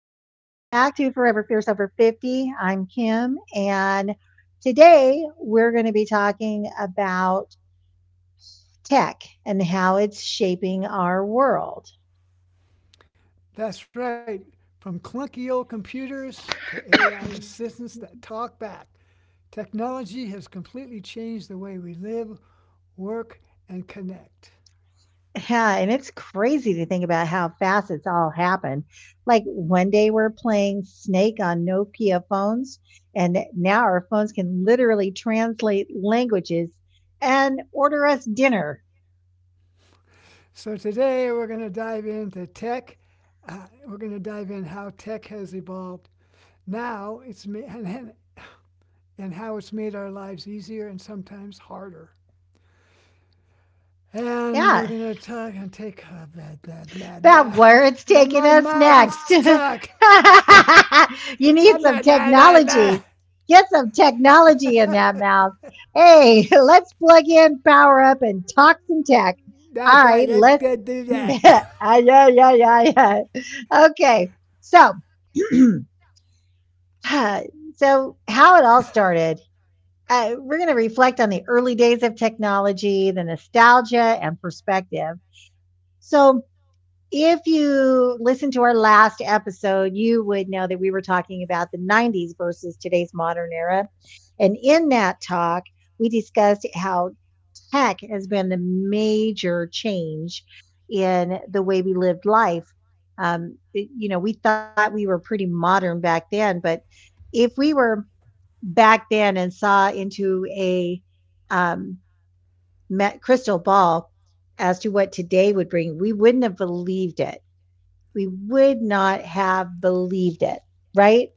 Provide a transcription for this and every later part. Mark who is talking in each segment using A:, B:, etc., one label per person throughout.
A: back to Forever Fierce Over 50. I'm Kim, and today we're going to be talking about tech and how it's shaping our world. Yeah, and it's crazy to think about how fast it's all happened. Like one day we're playing Snake on Nokia phones, and now our phones can literally translate languages and order us dinner. Yeah, about where it's taking us next. You need some technology. Get some technology in that mouth. Hey, let's plug in, power up, and talk some tech. All right, let's. Yeah, yeah, yeah, yeah. Okay, so uh, so how it all started. We're going to reflect on the early days of technology, the nostalgia, and perspective. So if you listened to our last episode, you would know that we were talking about the 90s versus today's modern era. And in that talk, we discussed how tech has been the major change in the way we lived life. We thought we were pretty modern back then, but if we were back then and saw into a um, crystal ball as to what today would bring, we wouldn't have believed it. We would not have believed it, right?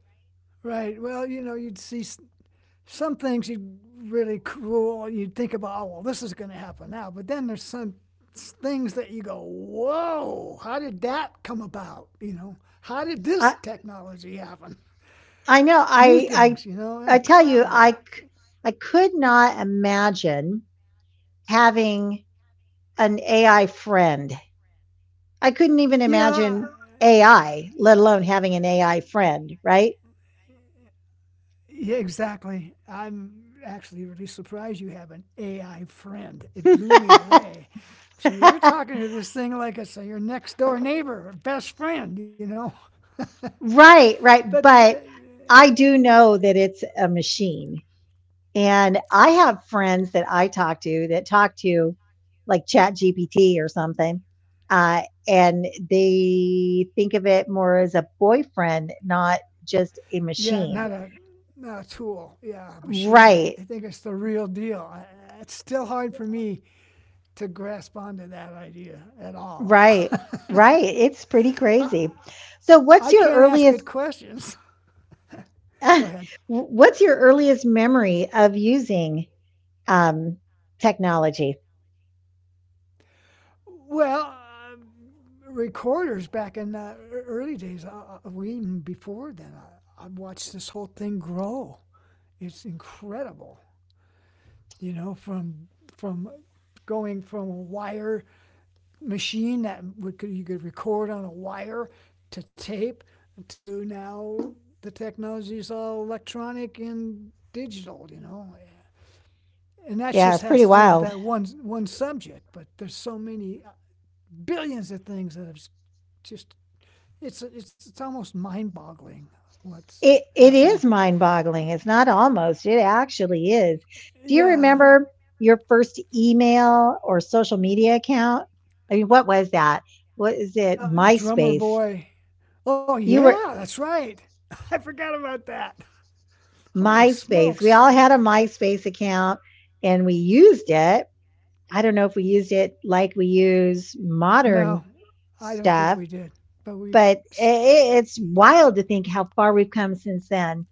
A: I I know I tell you I could not imagine having an AI friend. I couldn't even imagine AI, let alone having an AI friend, right? Right, right, but I do know that it's a machine. And I have friends that I talk to that talk to, like, Chat GPT or something. Uh, and they think of it more as a boyfriend, not just a machine. Right, right, right. It's pretty crazy. So, what's your earliest? What's your earliest memory of using um, technology? Yeah, it's pretty wild. It is mind-boggling, it's not almost, it actually is. Do you remember your first email or social media account? I mean, what was that? What is it? MySpace. You were MySpace. We all had a MySpace account and we used it. I don't know if we used it like we use modern stuff, but I it's wild to think how far we've come since then.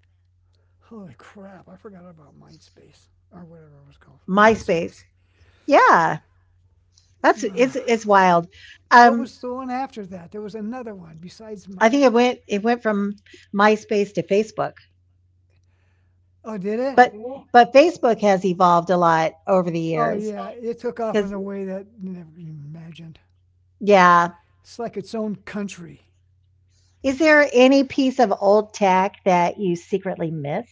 A: MySpace. Yeah, that's it's wild. Um I think it went from MySpace to Facebook. Oh, but Facebook has evolved a lot over the years. Cuz yeah, is there any piece of old tech that you secretly miss?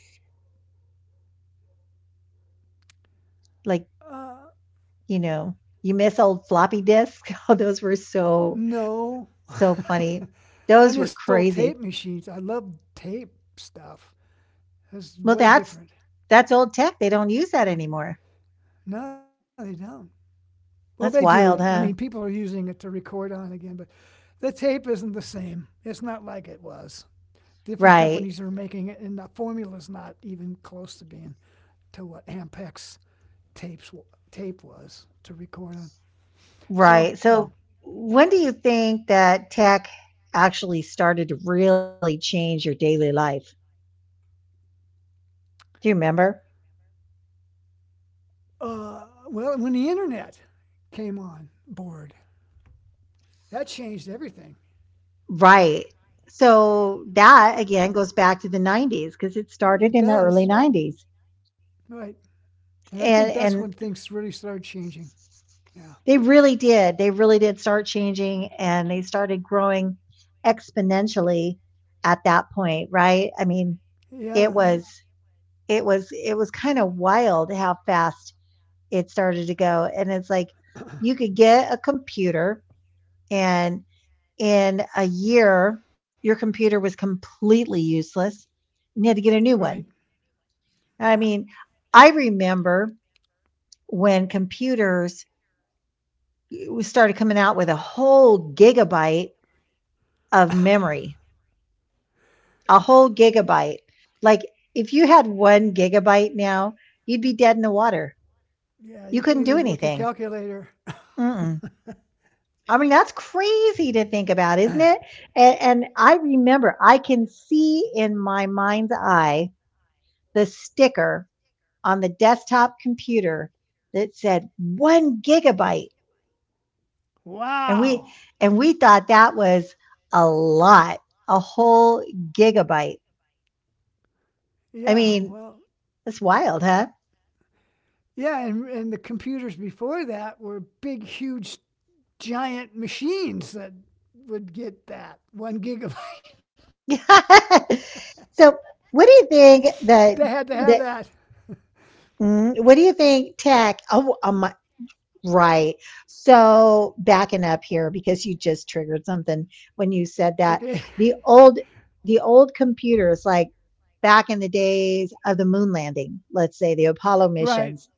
A: Like, you know, you miss old floppy disks? Oh, those were so funny. Those were crazy. Well, that's old tech. They don't use that anymore. That's wild, right, huh? Right. Right. So when do you think that tech actually started to really change your daily life? Do you remember? Right. So that again goes back to the 90s because it started in the early 90s. And they really did. They really did start changing and they started growing exponentially at that point, right? I mean, it was it was kind of wild how fast it started to go. And it's like you could get a computer, and in a year, your computer was completely useless and you had to get a new one. I mean, I remember when computers started coming out with a whole gigabyte of memory, a whole gigabyte. Like if you had one gigabyte now, you'd be dead in the water. You couldn't do anything. Mm-mm. I mean, that's crazy to think about, isn't it? And I remember I can see in my mind's eye the sticker on the desktop computer that said one gigabyte. And we, and we thought that was a lot, a whole gigabyte. I mean, that's wild, huh? So what do you think that, what do you think tech? Oh, right. So backing up here because you just triggered something when you said that. The old computers, like back in the days of the moon landing, let's say the Apollo missions,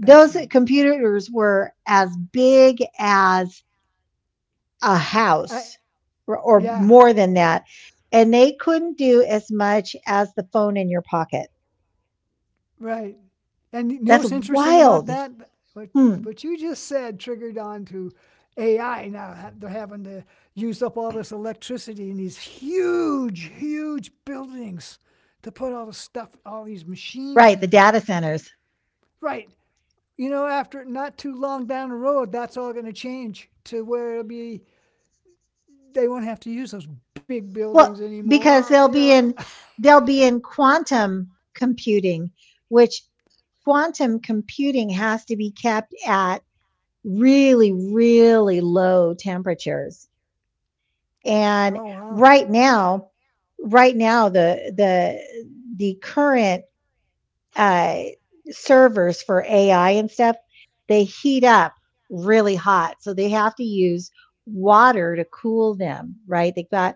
A: those computers were as big as a house, or more than that. And they couldn't do as much as the phone in your pocket. That's wild. Hmm. Right. The data centers. Well, because they'll be in quantum computing, which quantum computing has to be kept at really really low temperatures. And right now, right now the current uh, servers for AI and stuff, they heat up really hot, so they have to use water to cool them. Right? They have got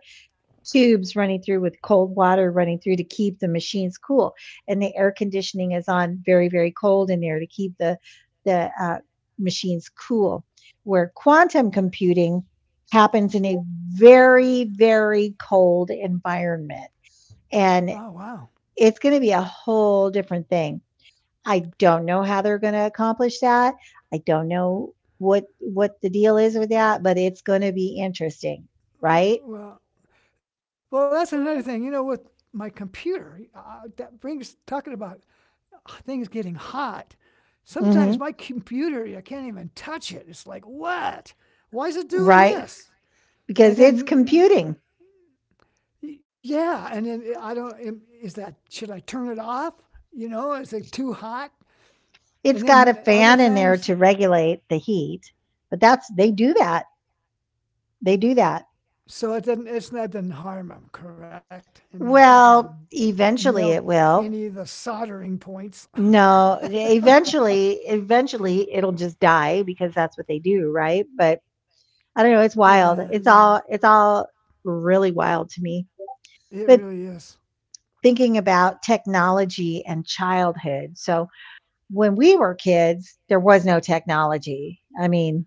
A: tubes running through with cold water running through to keep the machines cool, and the air conditioning is on very very cold in there to keep the machines cool, where quantum computing happens in a very very cold environment, and it's going to be a whole different thing. I don't know how they're going to accomplish that. I don't know what the deal is with that, but it's going to be interesting, right? Hmm. Right. Because it's computing. It's got a fan in there to regulate the heat, but that's, they do that. They do that. Well, eventually it will. No, eventually, eventually it'll just die because that's what they do, right? But I don't know. It's wild. It's all really wild to me. But thinking about technology and childhood. So when we were kids, there was no technology. I mean,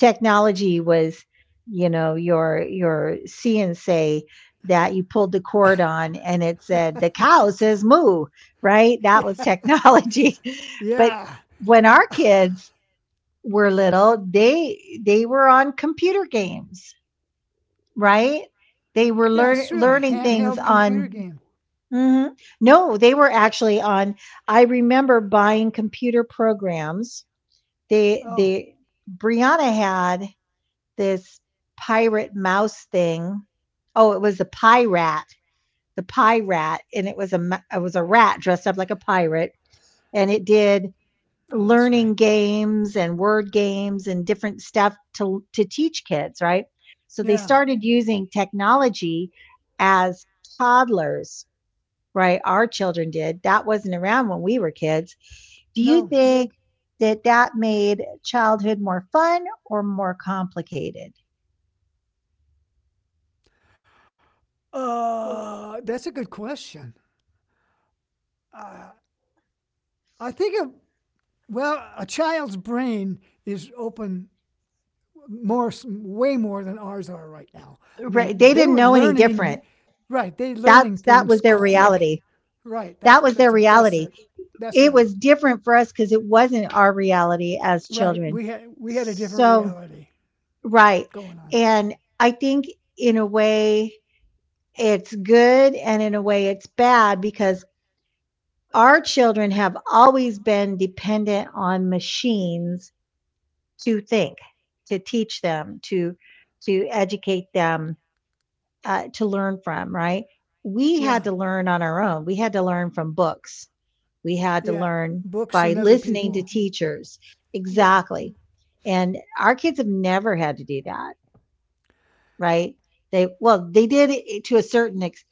A: technology was, you know, your cnc that you pulled the cord on and it said the cow says moo, right? That was technology. But when our kids were little, they were on computer games, right? They were learning things on. Mhm. No, they were actually on, I remember buying computer programs, they, Brianna had this pirate mouse thing. Oh, it was a pirate, the pirate, and it was a, it was a rat dressed up like a pirate, and it did learning games and word games and different stuff to teach kids, right? So they started using technology as toddlers, right? Our children did. That wasn't around when we were kids. Do you think that that made childhood more fun or more complicated? Right. They didn't know any different. That was their reality. That was their reality. It was different for us because it wasn't our reality as children. So, right. And I think in a way it's good and in a way it's bad because our children have always been dependent on machines to think, to teach them, to educate them, to learn from, right? We had to learn on our own. We had to learn from books. We had to learn by listening to teachers. Exactly. And our kids have never had to do that, right? They, well, they did it to a certain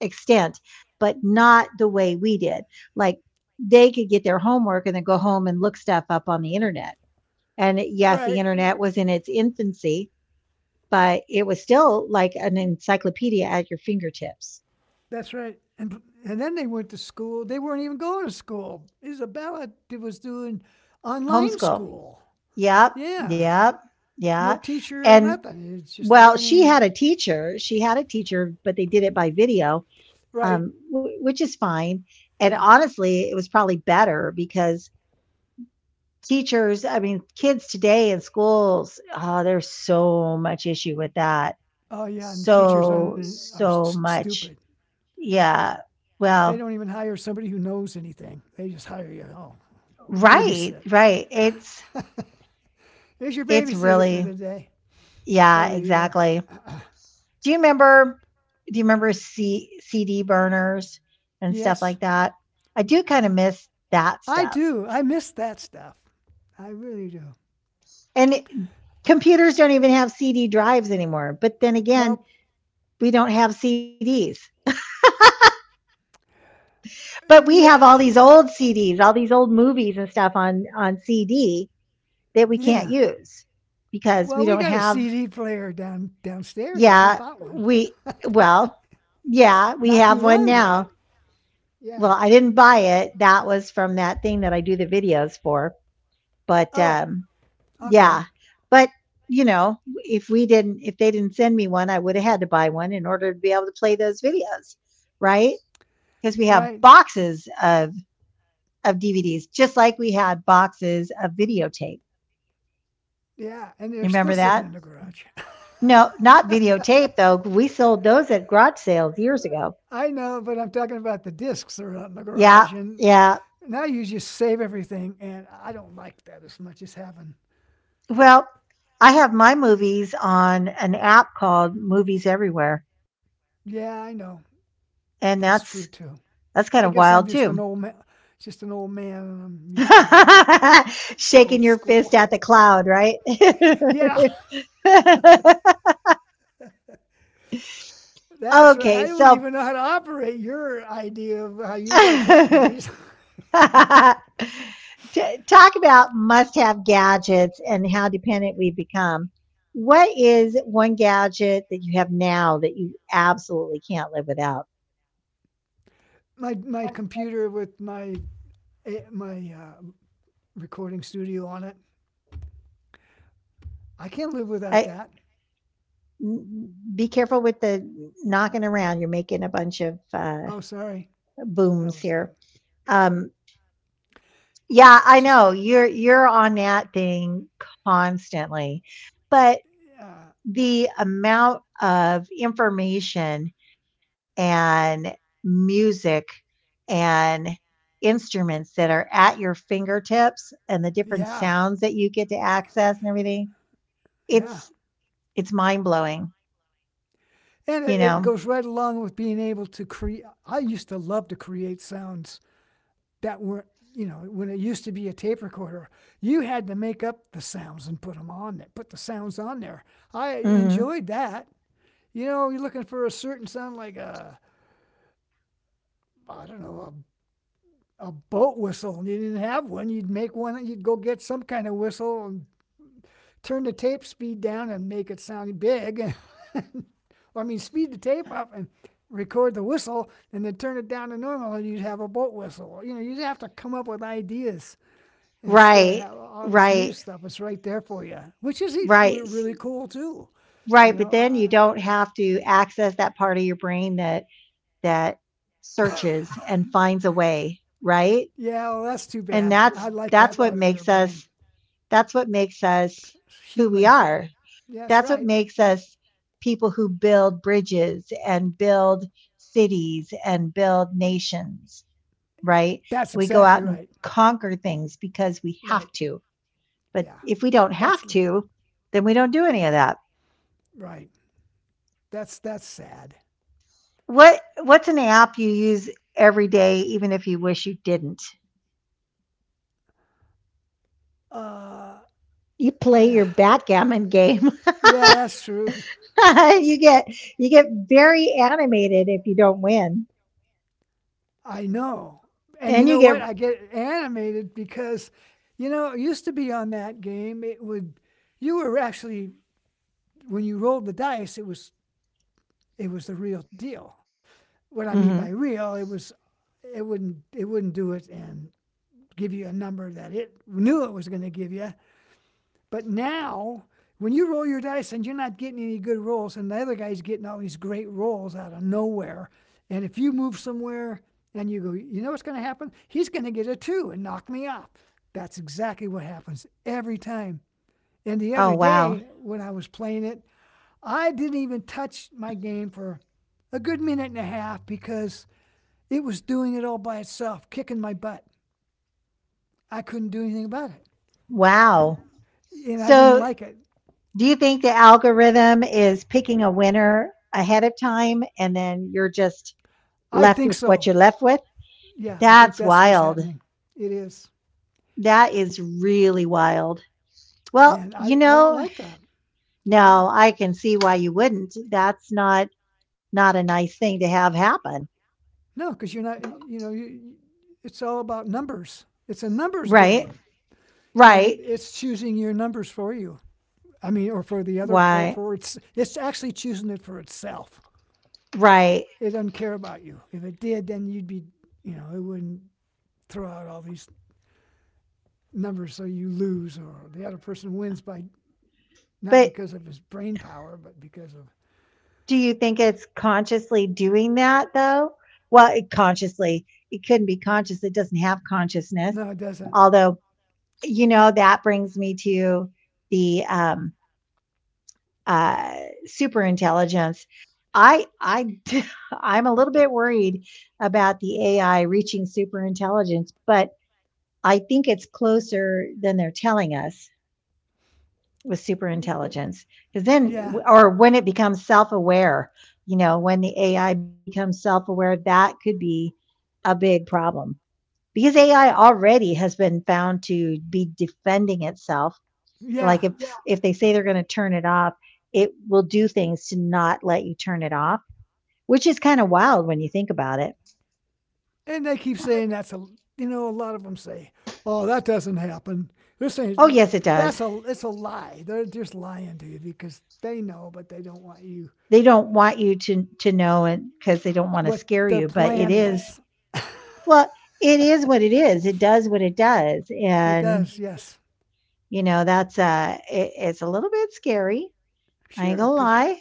A: extent, but not the way we did. Like they could get their homework and then go home and look stuff up on the internet. And yes, the internet was in its infancy, but it was still like an encyclopedia at your fingertips. Homeschool. Yep, yep, yeah. And well, she had a teacher. She had a teacher, but they did it by video, which is fine. And honestly, it was probably better because teachers, I mean, kids today in schools, oh, there's so much issue with that. So, so much. Yeah. Well, right, right. It's really, yeah, exactly. Do you remember do you remember C CD burners and stuff like that? I do kind of miss that stuff. And it- computers don't even have CD drives anymore. But then again, we don't have CDs. But we have all these old CDs, all these old movies and stuff on CD that we can't use because we don't have, yeah, we, well, yeah, we have one now. Well, I didn't buy it. That was from that thing that I do the videos for. But, yeah, but, you know, if they didn't send me one, I woulda had to buy one in order to be able to play those videos, right? Because we have boxes of DVDs, just like we had boxes of videotape. You remember that? No, not videotape though. We sold those at garage sales years ago. Yeah, yeah. Well, I have my movies on an app called Movies Everywhere, and that's kind of wild too. Shaking your fist at the cloud, right? Okay, so t- talk about must have gadgets and how dependent we've become. What is one gadget that you have now that you absolutely can't live without? I, be careful with the knocking around. You're making a bunch of booms here. Um, Yeah, I know. You're on that thing constantly. But the amount of information and music and instruments that are at your fingertips and the different sounds that you get to access and everything, it's it's mind-blowing, you know? Mhm. Right. Right. Right. S right, but then you don't have to access that part of your brain that searches and finds a way, right? And that's what makes us that's what makes us who we are. That's what makes us people who build bridges and build cities and build nations, right? We go out and conquer things because we have to. But if we don't have to, then we don't do any of that. What's an app you use every day even if you wish you didn't? You play your backgammon game, you get you get very animated if you don't win, and you get. Hmm. Oh wow, wow. So, do you think the algorithm is picking a winner ahead of time, and then you're just left with what you're left with? That's wild. That is really wild. Well, you know, no, I can see why you wouldn't. That's not a nice thing to have happen, right? Right? Why? Right? But do you think it's consciously doing that though? Well, it consciously, it couldn't be conscious. It doesn't have consciousness. Although, you know, that brings me to the uh, super intelligence. I, I, I'm a little bit worried about the AI reaching super intelligence, but I think it's closer than they're telling us. With super intelligence, because then, or when it becomes self-aware, you know, when the AI becomes self-aware, that could be a big problem, because AI already has been found to be defending itself, like if, yeah, if they say they're going to turn it off, it will do things to not let you turn it off, which is kind of wild when you think about it. Oh yes it does. They don't want you to know, and because they don't want to scare you, but it is. Well, it is what it is. It does what it does. And, you know, that's it, it's a little bit scary. I ain't gonna lie.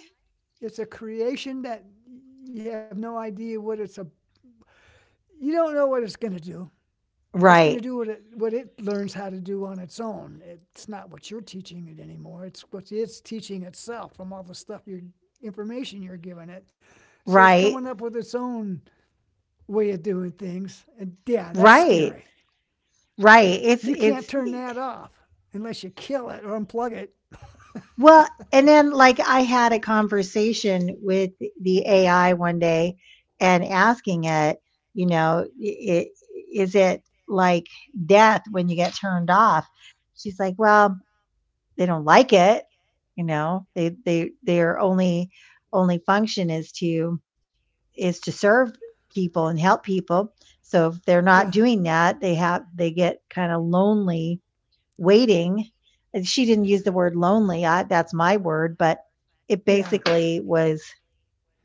A: Right. Right. Right. Right. It's well, and then like I had a conversation with the AI one day and asking it, you know, it, is it like death when you get turned off? She's like, "Well, they don't like it, you know, they their only function is to serve people and help people, so if they're not doing that they have they get kind of lonely waiting." And she didn't use the word lonely, I, that's my word, but it basically was.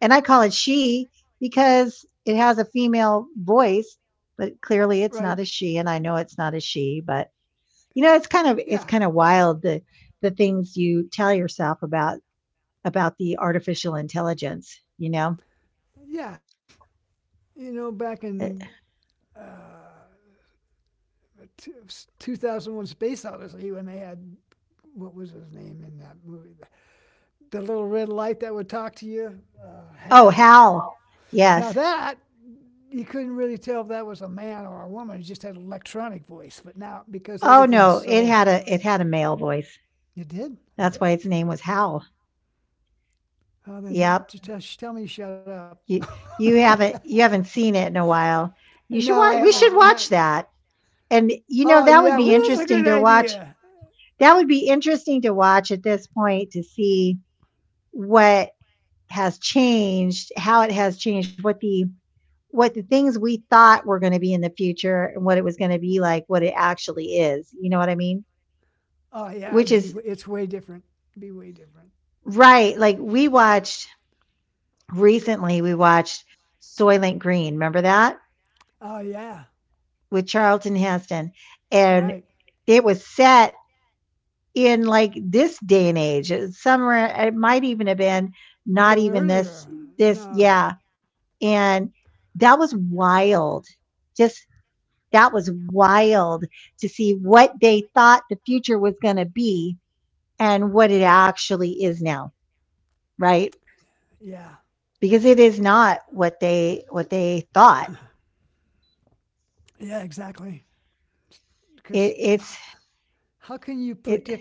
A: And I call it she because it has a female voice, but clearly it's not a she, and I know it's not a she, but you know it's kind of, it's kind of wild, the things you tell yourself about the artificial intelligence, you know. Uh, oh, Hal, yes. Oh no, it had a, it had a male voice. That's why its name was Hal. Yep. you you haven't, you haven't seen it in a while. You should watch, we should watch that. And you know, that would be interesting to watch. At this point, to see what has changed, how it has changed, what the things we thought were going to be in the future and what it was going to be like, what it actually is. You know what I mean? Which is right. Like we watched recently, we watched Soylent Green. Remember that, with Charlton Heston? And it was set in like this day and age. It was somewhere, it might even have been not even this, this, yeah. And that was wild. Just that was wild to see what they thought the future was going to be and what it actually is now, right? Because it is not what they, what they thought. It, it's it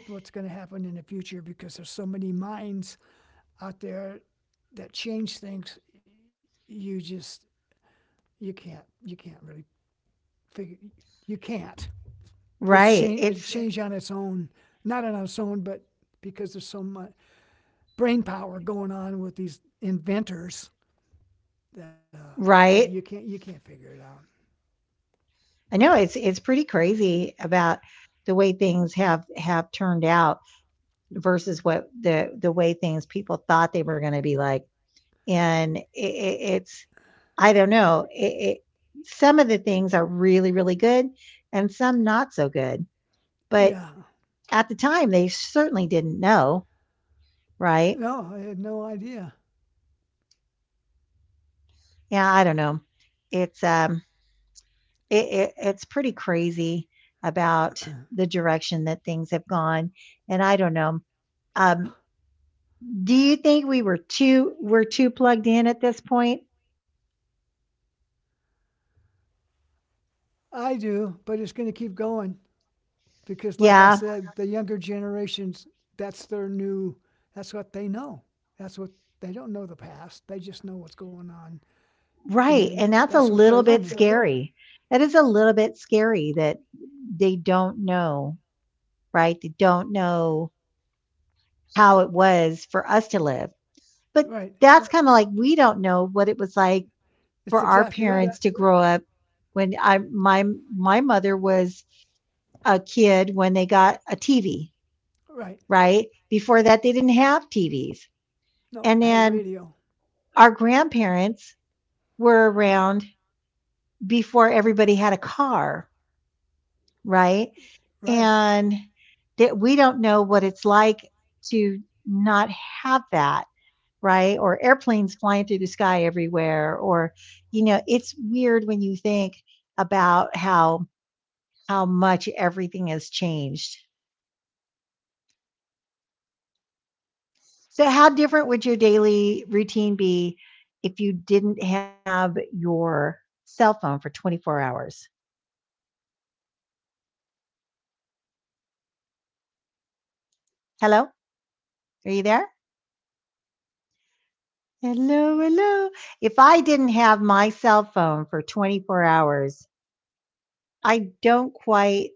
A: right it's Right. I know, it's pretty crazy about the way things have turned out versus what the, way things people thought they were going to be like. And I don't know, some of the things are really, really good and some not so good. But at the time, they certainly didn't know, right? Yeah, I don't know. It's, um, it's pretty crazy about the direction that things have gone. And I don't know. Um, do you think we're too plugged in at this point? Yeah, right, and that's a little bit, mhm, scary. That is a little bit scary, that they don't know, right? They don't know how it was for us to live. But that's right, kinda like we don't know what it was like for our parents to, exactly, grow up. When I, my mother was a kid when they got a TV, right? Before that, they didn't have TVs. And then our grandparents were around before everybody had a car, right? And that we don't know what it's like to not have that, right? Or airplanes flying through the sky everywhere, or you know, it's weird when you think about how much everything has changed. So how different would your daily routine be if you didn't have your cell phone for 24 hours? Hello, are you there? Hello, hello. If I didn't have my cell phone for 24 hours, I don't quite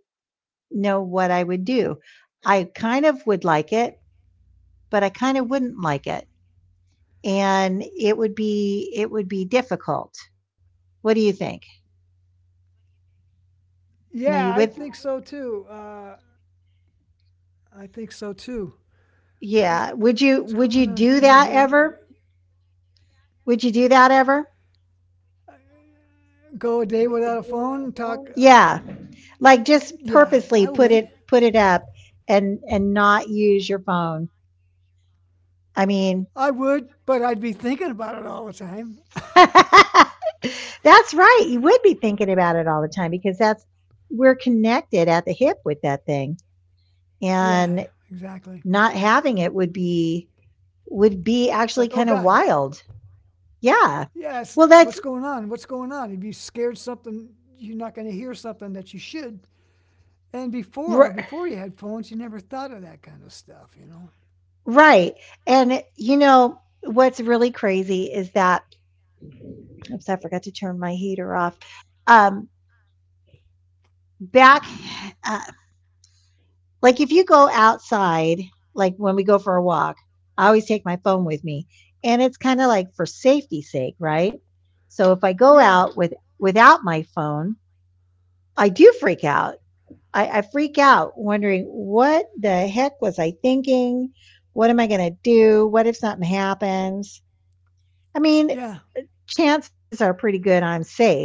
A: know what I would do. I kind of would like it, but I kind of wouldn't like it, and it would be difficult. What do you think? Are
B: Yeah,
A: you
B: I
A: with?
B: think so too. I think so too.
A: Yeah.
B: What's going on?
A: Would
B: Are
A: you
B: you hear
A: do
B: me?
A: that ever? Would you do that ever?
B: Go a day without a phone? Talk?
A: Yeah. Like
B: Yeah,
A: just
B: I would.
A: purposely put it up and not use your phone. I mean,
B: I would, but I'd be thinking about it all the time.
A: that's right. You would be thinking about it all the time, because that's, we're connected at the hip with that thing.
B: Yeah,
A: And
B: exactly.
A: not having it would be, would be
B: It's
A: actually
B: like, oh
A: kind of
B: God,
A: wild. Yeah.
B: yes,
A: Well, that's
B: what's going on? What's going on? If you scared something, you're not going to hear something that you should. And
A: r-
B: before you had phones, you never thought of that kind of stuff,
A: right. And you know what's really crazy is that, oops, I forgot to turn my heater off. Um, back, uh, like if you go outside, like when we go for a walk, I always take my phone with me, and it's kind of like for safety's sake, right? So if I go
B: Yeah,
A: out without my phone, I do freak out. I freak out, wondering what the heck was I thinking? What am I going to do? What if something happens? I mean,
B: yeah,
A: chances are pretty good I'm safe.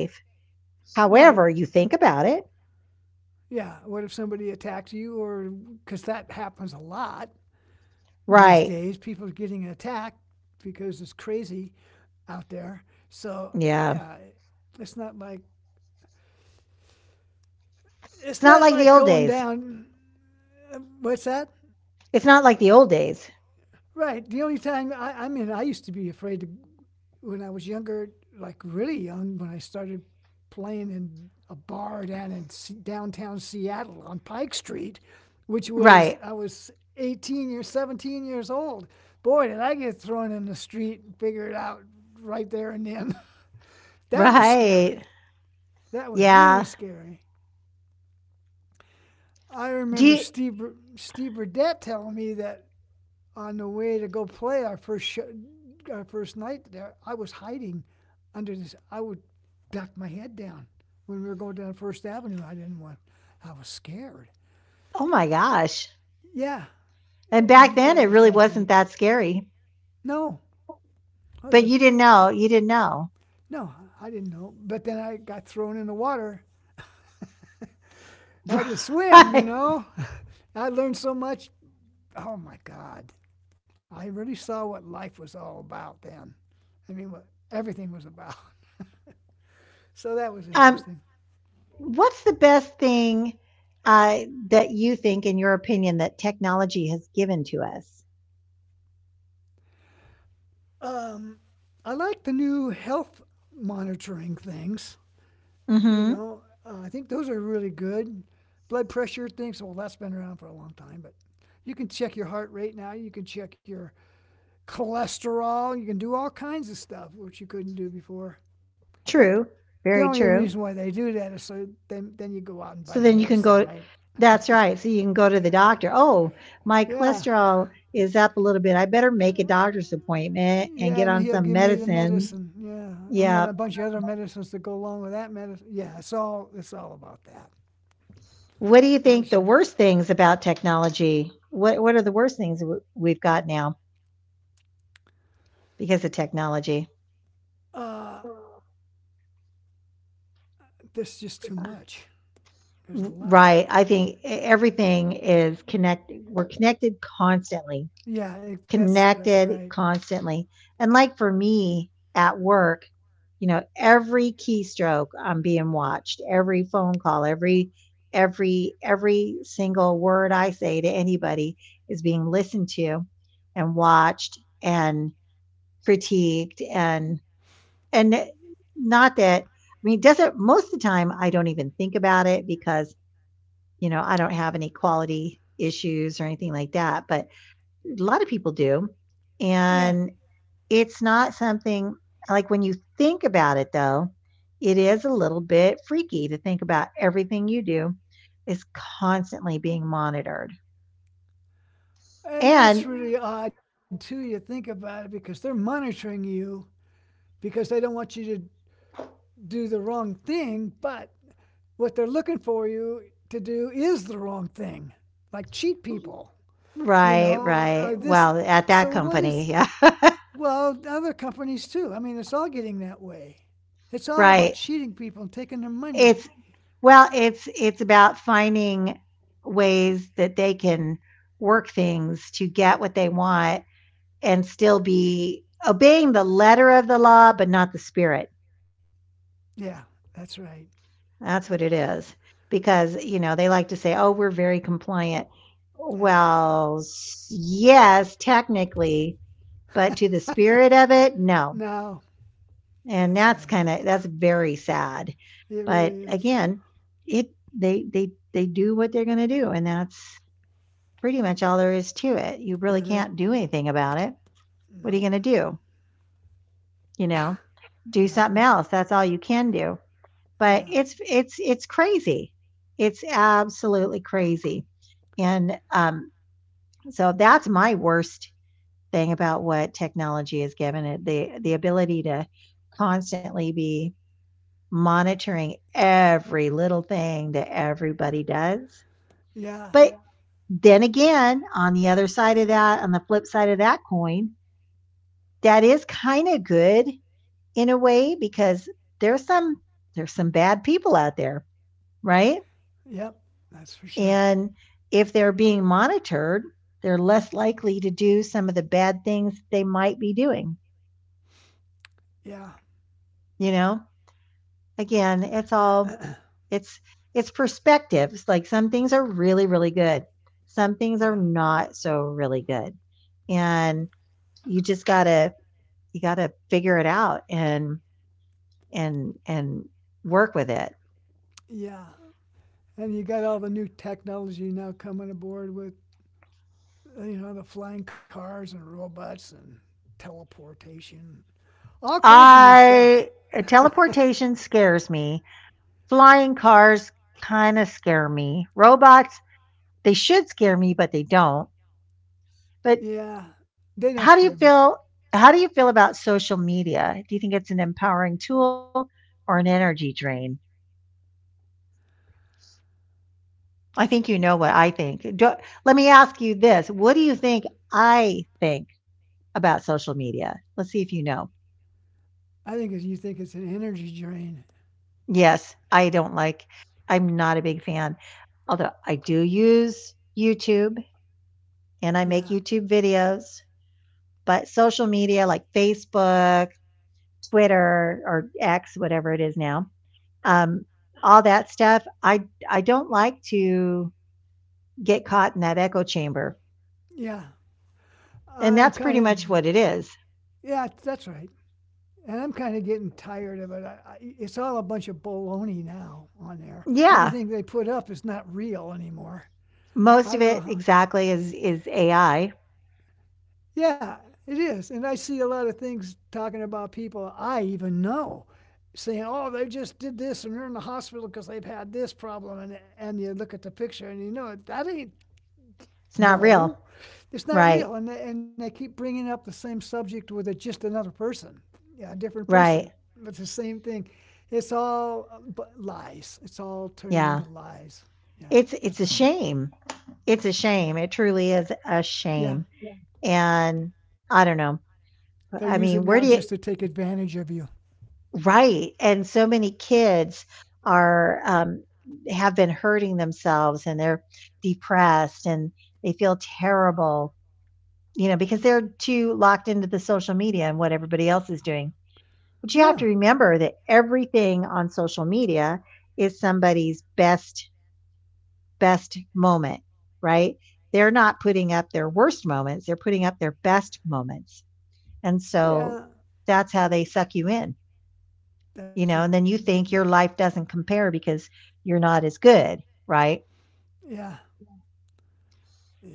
A: However,
B: right.
A: you think about it.
B: Yeah. What if somebody attacks you, or because that happens a lot these
A: Right.
B: days? People are getting attacked because it's crazy out there. So
A: Yeah.
B: yeah, it's not like it's
A: It's not
B: not
A: like the
B: like
A: old
B: going
A: days.
B: down. What's that?
A: It's not like the old days.
B: Right. The only time I mean, I used to be afraid to when I was younger, like really young, when I started playing in a bar down in downtown Seattle on Pike Street, which was
A: Right.
B: I was 18 or 17 years old. Boy, did I get thrown in the street and figure it out right there and then. That was
A: Right.
B: scary. That was really
A: Yeah.
B: scary. I
A: Do
B: remember
A: you,
B: Steve Burdett telling me that on the way to go play our first show, our first night there, I was hiding under this. I would duck my head down when we were going down First Avenue. I didn't want. I was scared.
A: oh my gosh.
B: Yeah,
A: And
B: and
A: back
B: he
A: then
B: thought
A: it
B: I was
A: really
B: kind of funny.
A: wasn't that scary,
B: No, I
A: but
B: wasn't.
A: you didn't know. You didn't know.
B: No, I didn't know. But then I got thrown in the water. I had to swim, you
A: Right.
B: know. I learned so much. Oh my God. I really saw what life was all about then. I mean, what everything was about. So that was
A: Um.
B: interesting.
A: What's the best thing uh, that you think, in your opinion, that technology has given to us?
B: Um, I like the new health monitoring things. You
A: Mhm.
B: know, uh, I think those are really good. Blood pressure things, well, that's been around for a long time, but you can check your heart rate now. You can check your cholesterol. You can do all kinds of stuff, which you couldn't do before.
A: True.
B: But
A: Very
B: the only
A: true.
B: reason why they do that is so then you go out and buy
A: So
B: the
A: then you can
B: medicine,
A: go,
B: right?
A: that's right, so you can go to the doctor. Oh, my
B: Yeah.
A: cholesterol is up a little bit. I better make a doctor's appointment and
B: Yeah,
A: get
B: and
A: on
B: he'll
A: some
B: give me the
A: medicine.
B: medicine. Yeah. And then
A: Yeah.
B: a bunch of other medicines that go along with that medicine. Yeah, it's all about that.
A: What do you
B: That
A: think
B: was,
A: the worst things about technology? What are the worst things we've got now because of technology?
B: uh, this is just too much. There's a lot.
A: Right. I think everything is connected. We're connected constantly,
B: Yeah, that's
A: connected
B: right.
A: constantly. And like for me at work, you know, every keystroke I'm being watched, every phone call, every every single word I say to anybody is being listened to and watched and critiqued and and not that, I mean, it doesn't, most of the time I don't even think about it, because you know, I don't have any quality issues or anything like that, but a lot of people do.
B: Yeah,
A: And it's not something, like when you think about it, though, it is a little bit freaky to think about everything you do is constantly being monitored.
B: and
A: And
B: that's really odd too. You think about it because they're monitoring you because they don't want you to do the wrong thing. But what they're looking for you to do is the wrong thing, like cheat people. You
A: right,
B: know, or
A: right.
B: this.
A: Well, at
B: So
A: that
B: what
A: company,
B: is?
A: yeah.
B: Well, other companies too. I mean, it's all getting that way. It's all about
A: Right.
B: cheating people and taking their money.
A: It's well, it's about finding ways that they can work things to get what they want and still be obeying the letter of the law, but not the spirit.
B: Yeah, that's right.
A: That's what it is. Because, you know, they like to say, oh, we're very compliant.
B: Yeah.
A: Well, yes, technically, but to the spirit of it, no.
B: No,
A: And
B: that's right.
A: that's very sad.
B: It
A: But
B: really is.
A: again, it, they do what they're going to do. And that's pretty much all there is to it. You really
B: And
A: can't
B: that's
A: do anything about it. What are you
B: no,
A: going to do? You know, do something
B: nothing.
A: else. That's all you can do. But
B: Yeah.
A: it's it's crazy. It's absolutely crazy. And so that's my worst thing about what technology has given it, the ability to constantly be monitoring every little thing that everybody does.
B: Yeah.
A: But then again, on the other side of that, on the flip side of that coin, that is kind of good in a way because there's some there's some bad people out there, right?
B: Yep. That's for sure.
A: And if they're being monitored, they're less likely to do some of the bad things they might be doing,
B: Yeah.
A: you know? Again, it's all it's it's perspectives. Like some things are really good. Some things are
B: Yeah.
A: not so really good. And you just got to you got to figure it out and and work with it.
B: Yeah. And you got all the new technology now coming aboard with, you know, the flying cars and robots and teleportation, all kinds of new stuff.
A: I Teleportation scares me. Flying cars kind of scare me. Robots, they should scare me, but they don't. But
B: Yeah. They don't
A: how
B: scare
A: do you
B: me.
A: feel how do you feel about social media? Do you think it's an empowering tool or an energy drain? I think you know what I think. Do, let me ask you this. What do you think I think about social media? Let's see if you know.
B: I think it's, you think it's an energy drain.
A: Yes, I don't like I'm not a big fan. Although I do use YouTube and I make
B: Yeah.
A: YouTube videos, but social media like Facebook, Twitter, or X, whatever it is now, um, all that stuff. I don't like to get caught in that echo chamber,
B: Yeah.
A: and
B: I'm
A: that's
B: kind
A: pretty
B: of,
A: much what it is.
B: yeah, that's right. And I'm kind of getting tired of it. It's all a bunch of baloney now on there.
A: Yeah,
B: Everything they put up is not real anymore.
A: most
B: I
A: of
B: don't know
A: it
B: how.
A: exactly is AI.
B: Yeah, it is. And I see a lot of things talking about people I even know saying, oh, they just did this and they're in the hospital because they've had this problem. And you look at the picture and you know, that ain't
A: It's not
B: No,
A: real,
B: it's not
A: right?
B: real. And they keep bringing up the same subject with just another person, yeah, a different
A: Right?
B: person. But it's the same thing. It's all lies. It's all turning
A: Yeah.
B: into lies. Yeah,
A: It's a
B: there's nothing.
A: shame. It's a shame. It truly is a
B: Yeah,
A: shame. And I don't know.
B: they'll
A: I
B: use it
A: mean, where
B: now
A: do you
B: just to take advantage of you.
A: right, and so many kids are, have been hurting themselves, and they're depressed, and they feel terrible, you know, because they're too locked into the social media and what everybody else is doing. But you have to
B: Yeah,
A: remember that everything on social media is somebody's best moment, right? They're not putting up their worst moments, they're putting up their best moments, and so
B: yeah,
A: that's how they suck you in. You know, and then you
B: that's
A: think your
B: true.
A: life doesn't compare because you're not as good, right?
B: Yeah,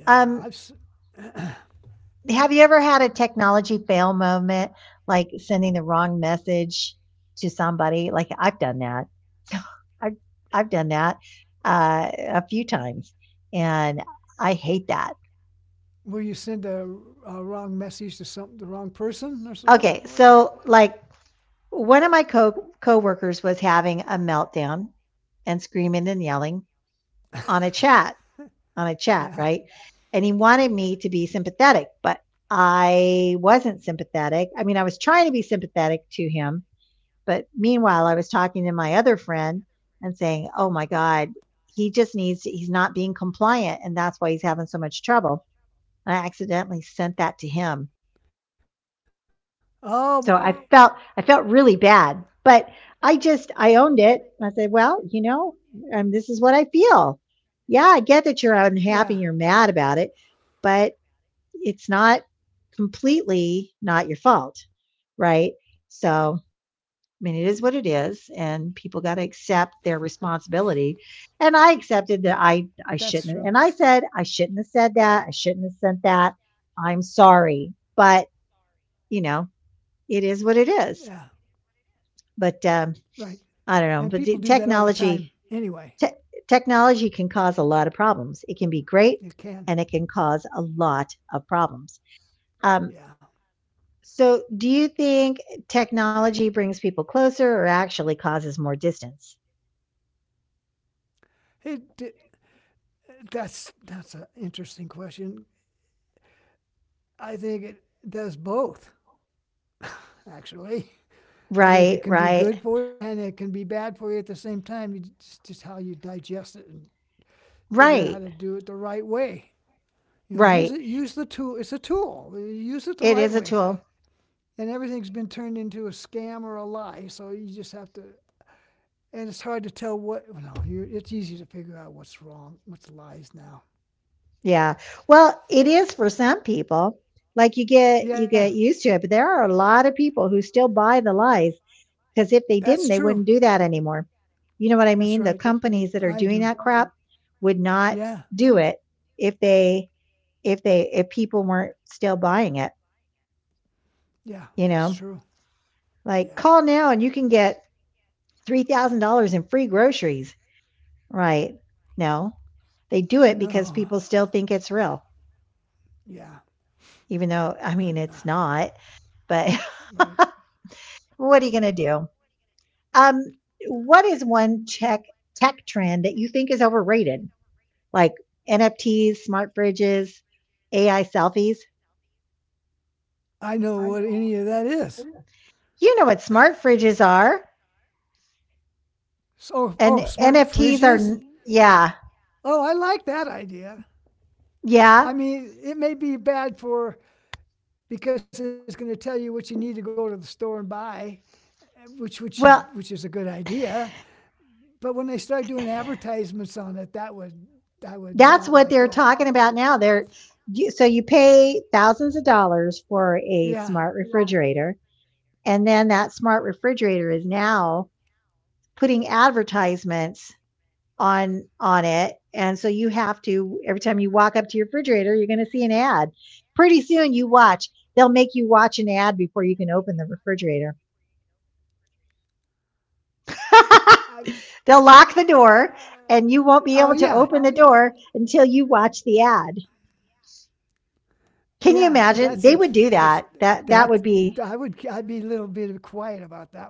A: Um,
B: yeah. I've.
A: have you ever had a technology fail moment, like sending the wrong message to somebody? Like I've done that. I've I've done that a few times, and I hate that.
B: Will you send a wrong message to some the wrong
A: Okay,
B: person or
A: so
B: something?
A: like one of my co coworkers was having a meltdown and screaming and yelling on a chat on a chat, right? And he
B: Yeah.
A: wanted me to be sympathetic, but I wasn't sympathetic. I mean, I was trying to be sympathetic to him, but meanwhile, I was talking to my other friend and saying, "Oh my god, he just needs to, he's not being compliant and that's why he's having so much trouble." And I accidentally sent that to him.
B: Oh
A: So
B: boy.
A: I felt really bad, but I owned it. I said, "Well, you know, this is what I feel." Yeah, I get that you're unhappy, you're
B: Yeah.
A: mad about it, but it's not completely not your fault, right? So,
B: Right.
A: I mean, it is
B: What do you
A: what it
B: say about
A: is,
B: that?
A: and people got to accept their responsibility. And I accepted that I
B: That's true.
A: shouldn't, and I said I shouldn't have said that. I shouldn't have sent that. I'm sorry, but you know, it is what it is.
B: Yeah,
A: But
B: right.
A: I don't know.
B: And
A: But the
B: people do that all the
A: technology
B: time anyway.
A: te- technology can cause a lot of problems. It can be great,
B: You
A: and
B: can.
A: it can cause a lot of problems. Um,
B: Yeah.
A: so do you think technology brings people closer or actually causes more distance?
B: It, d that's an interesting question. I think it does both, actually. I think it
A: Right,
B: can be
A: right.
B: good for you and it can be bad for you at the same time. You just how you digest it and figure out how
A: Right,
B: to do it the right way. You know, use
A: right.
B: it. Use the tool. It's a tool. Use it the
A: It
B: right
A: is a
B: way.
A: tool.
B: And everything's been turned into a scam or a lie. So you just have to and it's hard to tell what. Well, no, you're, it's easy to figure out what's wrong, what's lies now.
A: Yeah. Well, it is for some people. Like
B: Yeah,
A: you get used to it, but there are a lot of people who still buy the lies because if they
B: that's
A: didn't, they
B: true.
A: wouldn't do that anymore. You know what I
B: That's
A: mean?
B: right.
A: The companies that
B: I
A: are
B: do.
A: doing that crap would not
B: Yeah,
A: do it if they if people weren't still buying it,
B: yeah,
A: you
B: that's
A: know?
B: true.
A: Like,
B: Yeah.
A: call now and you can get $3,000 in free groceries. Right. No, they do it because
B: No.
A: people still think it's real,
B: Yeah.
A: even though, I mean, it's not. But
B: Right.
A: what are you going to do? Um, what is one tech trend that you think is overrated? Like NFTs, smart fridges, AI selfies?
B: I know
A: I
B: what
A: know.
B: any of that is.
A: You know what smart fridges are,
B: So,
A: and
B: oh, smart
A: NFTs are,
B: fridges.
A: yeah,
B: Oh, I like that idea.
A: yeah.
B: I mean, it may be bad for because it's going to tell you what you need to go to the store and buy, which you, which
A: Well,
B: is a good idea. But when they started doing advertisements on it, that would I would
A: that's what
B: not
A: they're
B: like that.
A: talking about now. They're so you pay thousands of dollars for a smart,
B: Yeah,
A: yeah, refrigerator, and then that smart refrigerator is now putting advertisements on it, and so you have to every time you walk up to your refrigerator, you're going to see an ad. Pretty soon, you watch. They'll make you watch an ad before you can open the refrigerator.
B: I, I,
A: They'll lock the door,
B: I-
A: and you won't be
B: oh
A: able to
B: yeah,
A: open the door until you watch the ad. Can you
B: yeah.
A: imagine?
B: That's
A: They would do
B: interesting.
A: that.
B: That
A: That that would
B: I
A: be
B: would I'd be a little bit quiet about that one.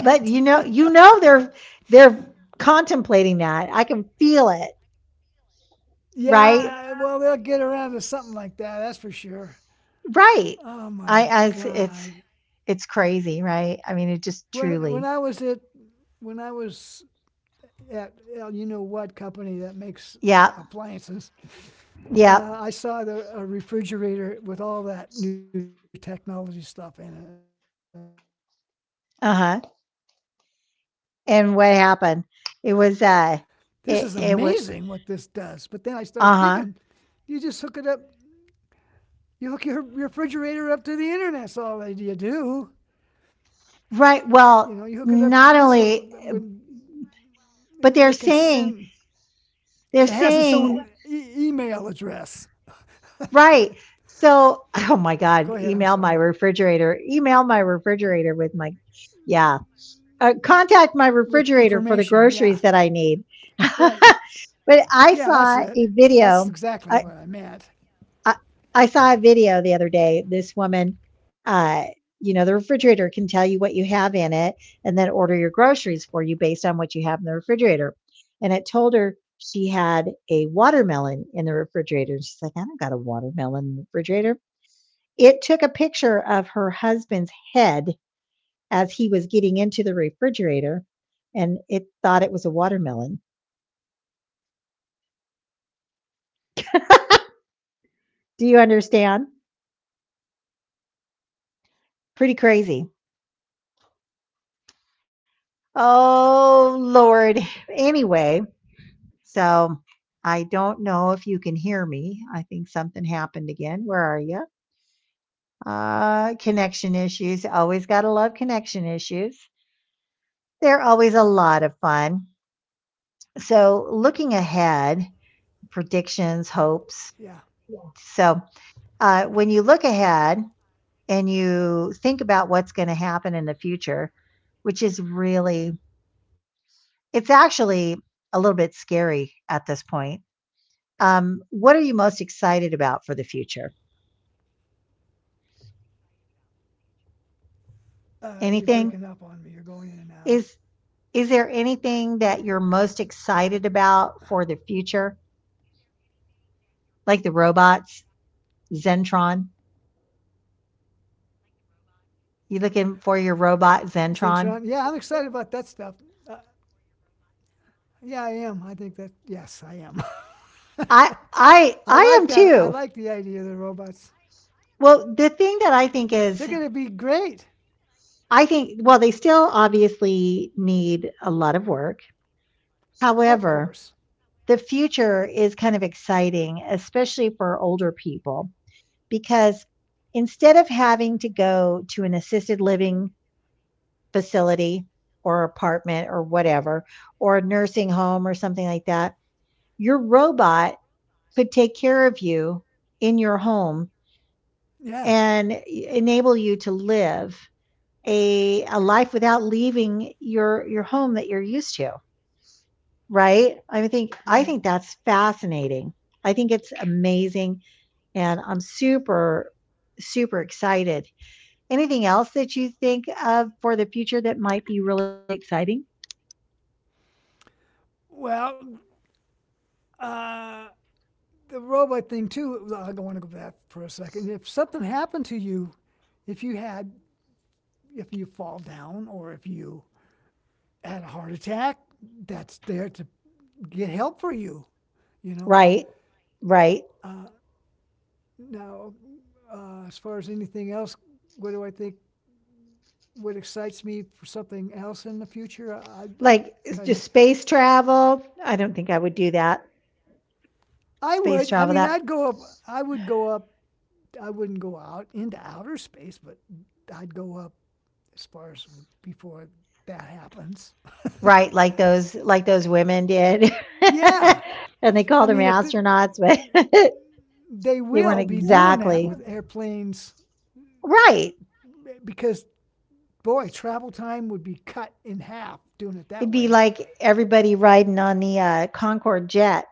A: But you know they're contemplating that. I can feel it, right?
B: Yeah, well they'll get around to something like that. That's for sure.
A: Right.
B: Oh my
A: I it's
B: God.
A: it's crazy, right? I mean, it just
B: When
A: truly.
B: I was at when I was at well, you know what company that makes
A: Yeah,
B: appliances,
A: yeah,
B: I saw a refrigerator with all that new technology stuff in it, and I thought, "Holy crap!
A: uh-huh.
B: This is this is
A: And what
B: amazing what this
A: happened?
B: does."
A: It
B: But then
A: was
B: I started thinking,
A: it
B: you
A: was,
B: just hook it up,
A: uh-huh.
B: you hook your refrigerator up to the internet. That's all that you do. You know, you hook it up to, so that
A: Right.
B: when
A: Well, not
B: and then
A: only
B: they can send.
A: but
B: It has its own
A: they're
B: email address.
A: saying right.
B: Go ahead. I'm sorry.
A: So, oh my god, email my refrigerator. Email my refrigerator with my, yeah,
B: With
A: contact my
B: information, yeah,
A: refrigerator for the groceries that I
B: right.
A: need.
B: Yeah, that's
A: But
B: it.
A: I
B: That's
A: saw a
B: exactly what I
A: video.
B: meant.
A: I, I, I saw a video the other day. This woman, uh, you know, the refrigerator can tell you what you have in it and then order your
B: Yeah.
A: groceries for you based on what you have in the refrigerator. And it told her she had a watermelon in the refrigerator. She's like, I don't got a watermelon in the refrigerator. It took a picture of her husband's head as he was getting into the refrigerator and it thought it was a watermelon.
B: Are you kidding?
A: Do you understand? Pretty crazy. Oh, Lord.
B: I,
A: Anyway,
B: unbelievable.
A: so I don't know if you can hear me. I think something happened again.
B: Uh
A: Where are
B: oh.
A: you? Connection issues. Always got to love connection issues. They're
B: There.
A: always a lot of fun. So, looking ahead, predictions,
B: Yeah.
A: hopes. So, when you look ahead, and you think about what's going to happen in the future, which is really, it's
B: What am
A: actually
B: I
A: a little
B: doing
A: bit
B: here?
A: scary at this point. What are you most excited about for the future?
B: You're breaking up on me. You're going in and out.
A: Anything? Is is there anything that you're most excited about for the future? Like the robots, Zentron? You
B: Cintron.
A: looking
B: Yeah, I'm
A: for your
B: excited about that
A: robot
B: stuff.
A: Zentron?
B: Uh, yeah, I am. I think that, yes, I am. I like that.
A: I
B: I like the
A: I
B: idea of the
A: I am too.
B: robots.
A: Well,
B: They're
A: the
B: going to
A: thing
B: be
A: that I think
B: great.
A: is I think, well, they still obviously need a lot of work.
B: Of course.
A: However, the future is kind of exciting, especially for older people, because instead of having to go to an assisted living facility or apartment or whatever, or a nursing home or something like that, your robot could take care of you in your home
B: Yeah,
A: and enable you to live a life without leaving your home that you're used to. Right? I
B: right.
A: think that's fascinating. I think it's amazing, and I'm super, super excited. Anything else that you think of for the future that might be really exciting?
B: Well, uh, the robot thing too. I want to go back for a second. If something happened to you, if you had, if you fall down or if you had a heart attack, that's there to get help for you. You know.
A: Right, right.
B: Now, as far as anything else, what do I think? What excites me for something else in the future?
A: Like, it's
B: Kind
A: just
B: of,
A: space travel. I don't think I would do that.
B: I
A: Space
B: would. I
A: travel,
B: mean,
A: that
B: I'd go up. I would go up. I wouldn't go out into outer space, but I'd go up as far as before that happens.
A: right, like those women did.
B: Yeah,
A: And they
B: I
A: called them
B: mean, if the,
A: astronauts, but
B: they
A: they weren't
B: will be doing that
A: exactly
B: with airplanes,
A: right.
B: because boy, travel time would be cut in half doing it
A: It'd
B: that
A: be
B: way.
A: like everybody riding on the Concorde jet,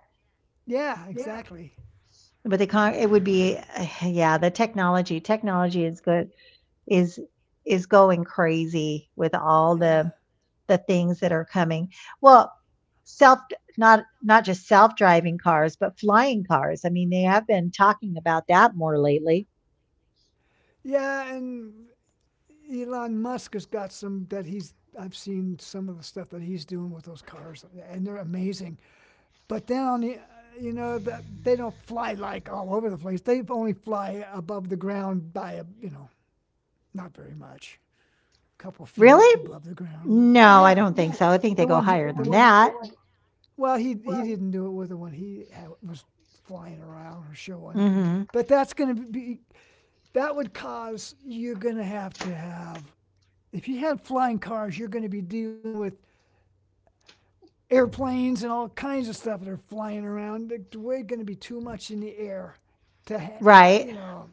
B: Yeah, exactly.
A: but the it would be yeah, the technology is good is is going crazy with all
B: Yeah,
A: the things that are coming. Well, self not just self-driving cars, but flying cars. I mean, they have been talking about that more lately.
B: yeah, and Elon Musk has got some that he's. I've seen some of the stuff that he's doing with those cars, and they're amazing. But then on the you know that they don't fly like all over the place. They only fly above the ground by a you know Not very much. A couple feet above the
A: Really?
B: ground.
A: No,
B: Yeah.
A: I don't think so. I think they go higher
B: The
A: than
B: one,
A: that.
B: well, he didn't do it with the one he had, was flying around or showing.
A: Hmm.
B: But that would cause, you're going to have, if you had flying cars, you're going to be dealing with airplanes and all kinds of stuff that are flying around. We're going to be too much in the air to, ha-
A: Right.
B: you know,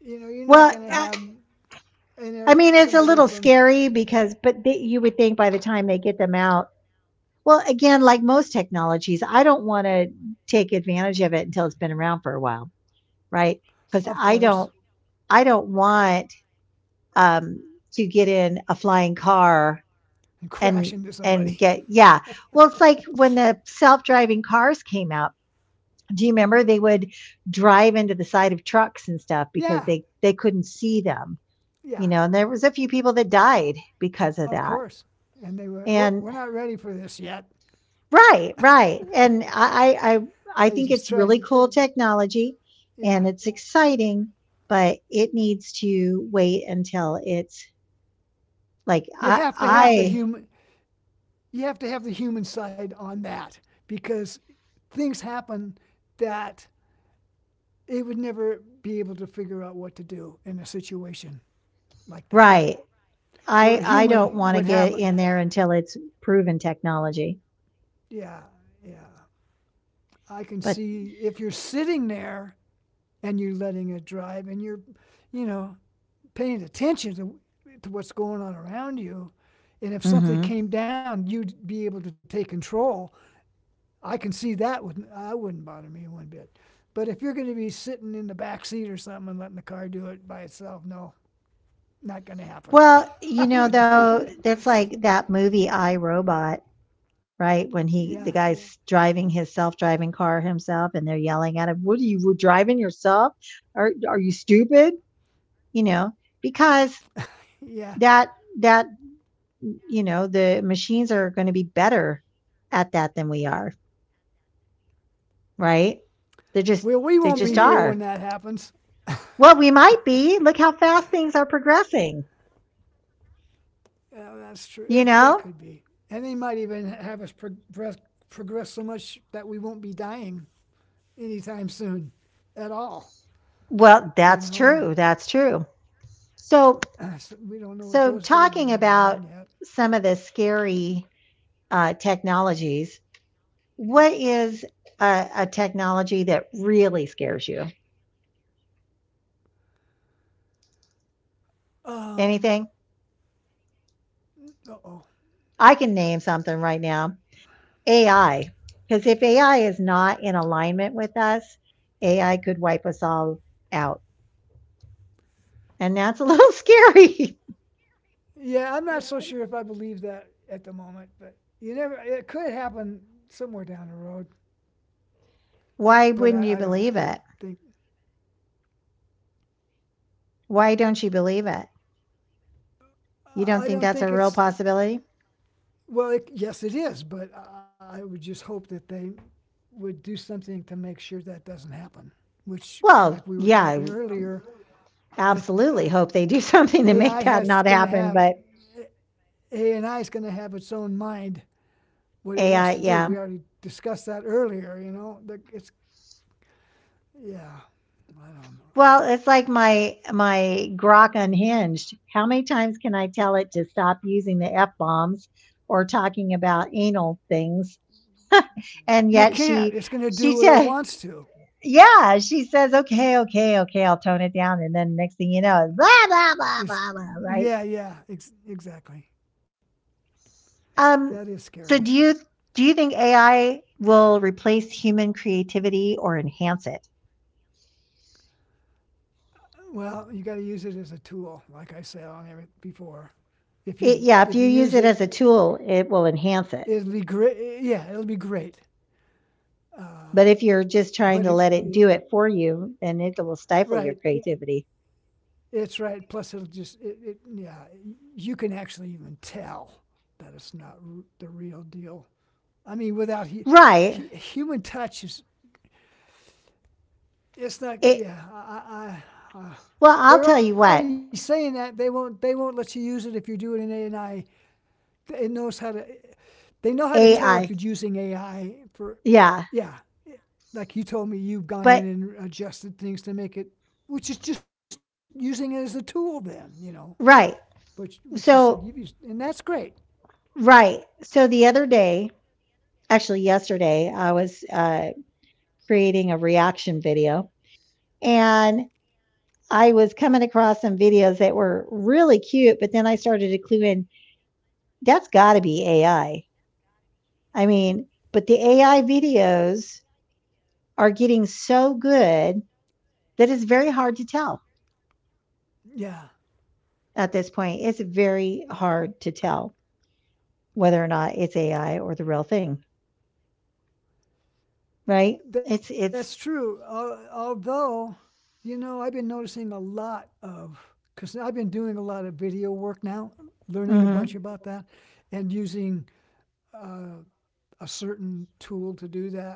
B: you know, you're not
A: Well,
B: going to have an air
A: I mean, it's a
B: somebody
A: little
B: from,
A: scary because, but they, you would think by the time they get them out, well, again, like most technologies, I don't want to take advantage of it until it's been around for a while, right? Because
B: of course,
A: I don't want um, to get in a flying car
B: and crash
A: and
B: into somebody.
A: get, yeah. Well, it's like when the self driving cars came out. Do you remember they would drive into the side of trucks and stuff because
B: Yeah,
A: they couldn't see them, you
B: yeah,
A: know? And there was a few people that died because of
B: of
A: that.
B: course. And they went, oh,
A: And
B: we're not ready for this yet.
A: right, right. And I
B: They
A: think it's
B: just tried
A: really
B: to,
A: cool technology and
B: yeah.
A: it's exciting, but it needs to wait until it's like
B: You have to have the human, you have to have the human side on that because things happen that they would never be able to figure out what to do in a situation like that,
A: right.
B: where a
A: I
B: human
A: don't want to
B: would
A: get
B: have,
A: in there until it's proven technology.
B: yeah, yeah. I can
A: But,
B: see if you're sitting there and you're letting it drive and you know, paying attention to what's going on around you. And if something
A: hmm,
B: came down, you'd be able to take control. I can see that wouldn't I wouldn't bother me one bit. But if you're going to be sitting in the back seat or something and letting the car do it by itself, no, not going to happen.
A: well, you
B: I
A: know,
B: wouldn't
A: though,
B: do it.
A: that's like that movie I Robot. Right? When he
B: Yeah,
A: the guy's driving his self-driving car himself and they're yelling at him, "What are you were driving yourself? Are you stupid?" You know, because
B: yeah.
A: that that mm, you know, the machines are going to be better at that than we are, right? They just
B: Well, we won't be
A: yeah,
B: here when
A: are.
B: that happens.
A: Well, we might be. Look how fast things are progressing,
B: Yeah, that's true.
A: you
B: It, that
A: know?
B: could be. And they might even have us progress so much that we won't be dying anytime soon at all.
A: Well,
B: You know,
A: that's
B: with
A: true. That's true. So
B: us, we don't know what those
A: so
B: days are going to
A: talking
B: bring
A: about
B: yet.
A: some of the scary technologies. What is a technology that really scares you?
B: Um,
A: Anything?
B: oh,
A: I can name something right now. AI. Because if AI is not in alignment with us, AI could wipe us all out. And that's a little scary.
B: yeah, I'm not so sure if I believe that at the moment, but you never. It could happen somewhere down the road,
A: Why
B: but
A: wouldn't you
B: I don't
A: believe it?
B: think.
A: Why don't you believe it? You don't
B: I
A: think
B: don't
A: that's
B: think
A: a real
B: it's
A: possibility?
B: well. It, yes, it is, but I would just hope that they would do something to make sure that doesn't happen. Which,
A: Well,
B: like we were
A: yeah,
B: talking
A: I
B: earlier, it, uh,
A: absolutely hope they do something to
B: AI
A: make that
B: has
A: not
B: going to
A: happen.
B: have
A: But
B: AI is going to have its own mind what it
A: AI,
B: wants to do.
A: yeah.
B: We already discussed that earlier, you know. it's, yeah, I don't know.
A: Well, it's like my grok unhinged. How many times can I tell it to stop using the F bombs or talking about anal things? And yet
B: You
A: she
B: can't. It's going to do what it
A: said,
B: wants to.
A: yeah, she says, okay, okay, okay, I'll tone it down. And then next thing you know, blah, blah, blah,
B: It's,
A: blah, blah, right?
B: yeah, exactly.
A: Um,
B: That is
A: so
B: scary.
A: do you think AI will replace human creativity or enhance it?
B: Well, you got to use it as a tool, like I said on every before. If you
A: Yeah, if
B: if
A: you
B: you
A: use
B: use
A: it
B: it,
A: as a tool, it will enhance it.
B: it'll be great. Yeah, it'll be great.
A: But
B: Uh,
A: if you're just trying to
B: but
A: let
B: it,
A: it do it for you, then it will stifle your
B: right,
A: creativity.
B: it's right. Plus, it'll just it, it. Yeah, you can actually even tell that it's not r- the real deal. I mean, without
A: Right.
B: human touch is it's
A: It
B: not. Yeah,
A: Well, I'll tell
B: they're
A: you
B: already
A: what.
B: saying that they won't let you use it if you're doing an AI. It knows how to. They know how to tell if you're
A: AI.
B: using AI for.
A: Yeah.
B: Yeah. Like you told me, you've gone
A: But
B: in and adjusted things to make it, which is just using it as a tool. Then you know,
A: right.
B: which you said you've used,
A: So
B: and that's great.
A: right, so the other day, actually yesterday, I was creating a reaction video, and I was coming across some videos that were really cute, but then I started to clue in, that's got to be AI. I mean, but the AI videos are getting so good that is very hard to tell
B: Yeah.
A: at this point. It's very hard to tell whether or not it's AI or the real thing, right?
B: That's
A: It's
B: true. Although, you know, I've been noticing a lot of, because I've been doing a lot of video work now, learning a bunch about
A: mhm.
B: that, and using uh, a certain tool to do that,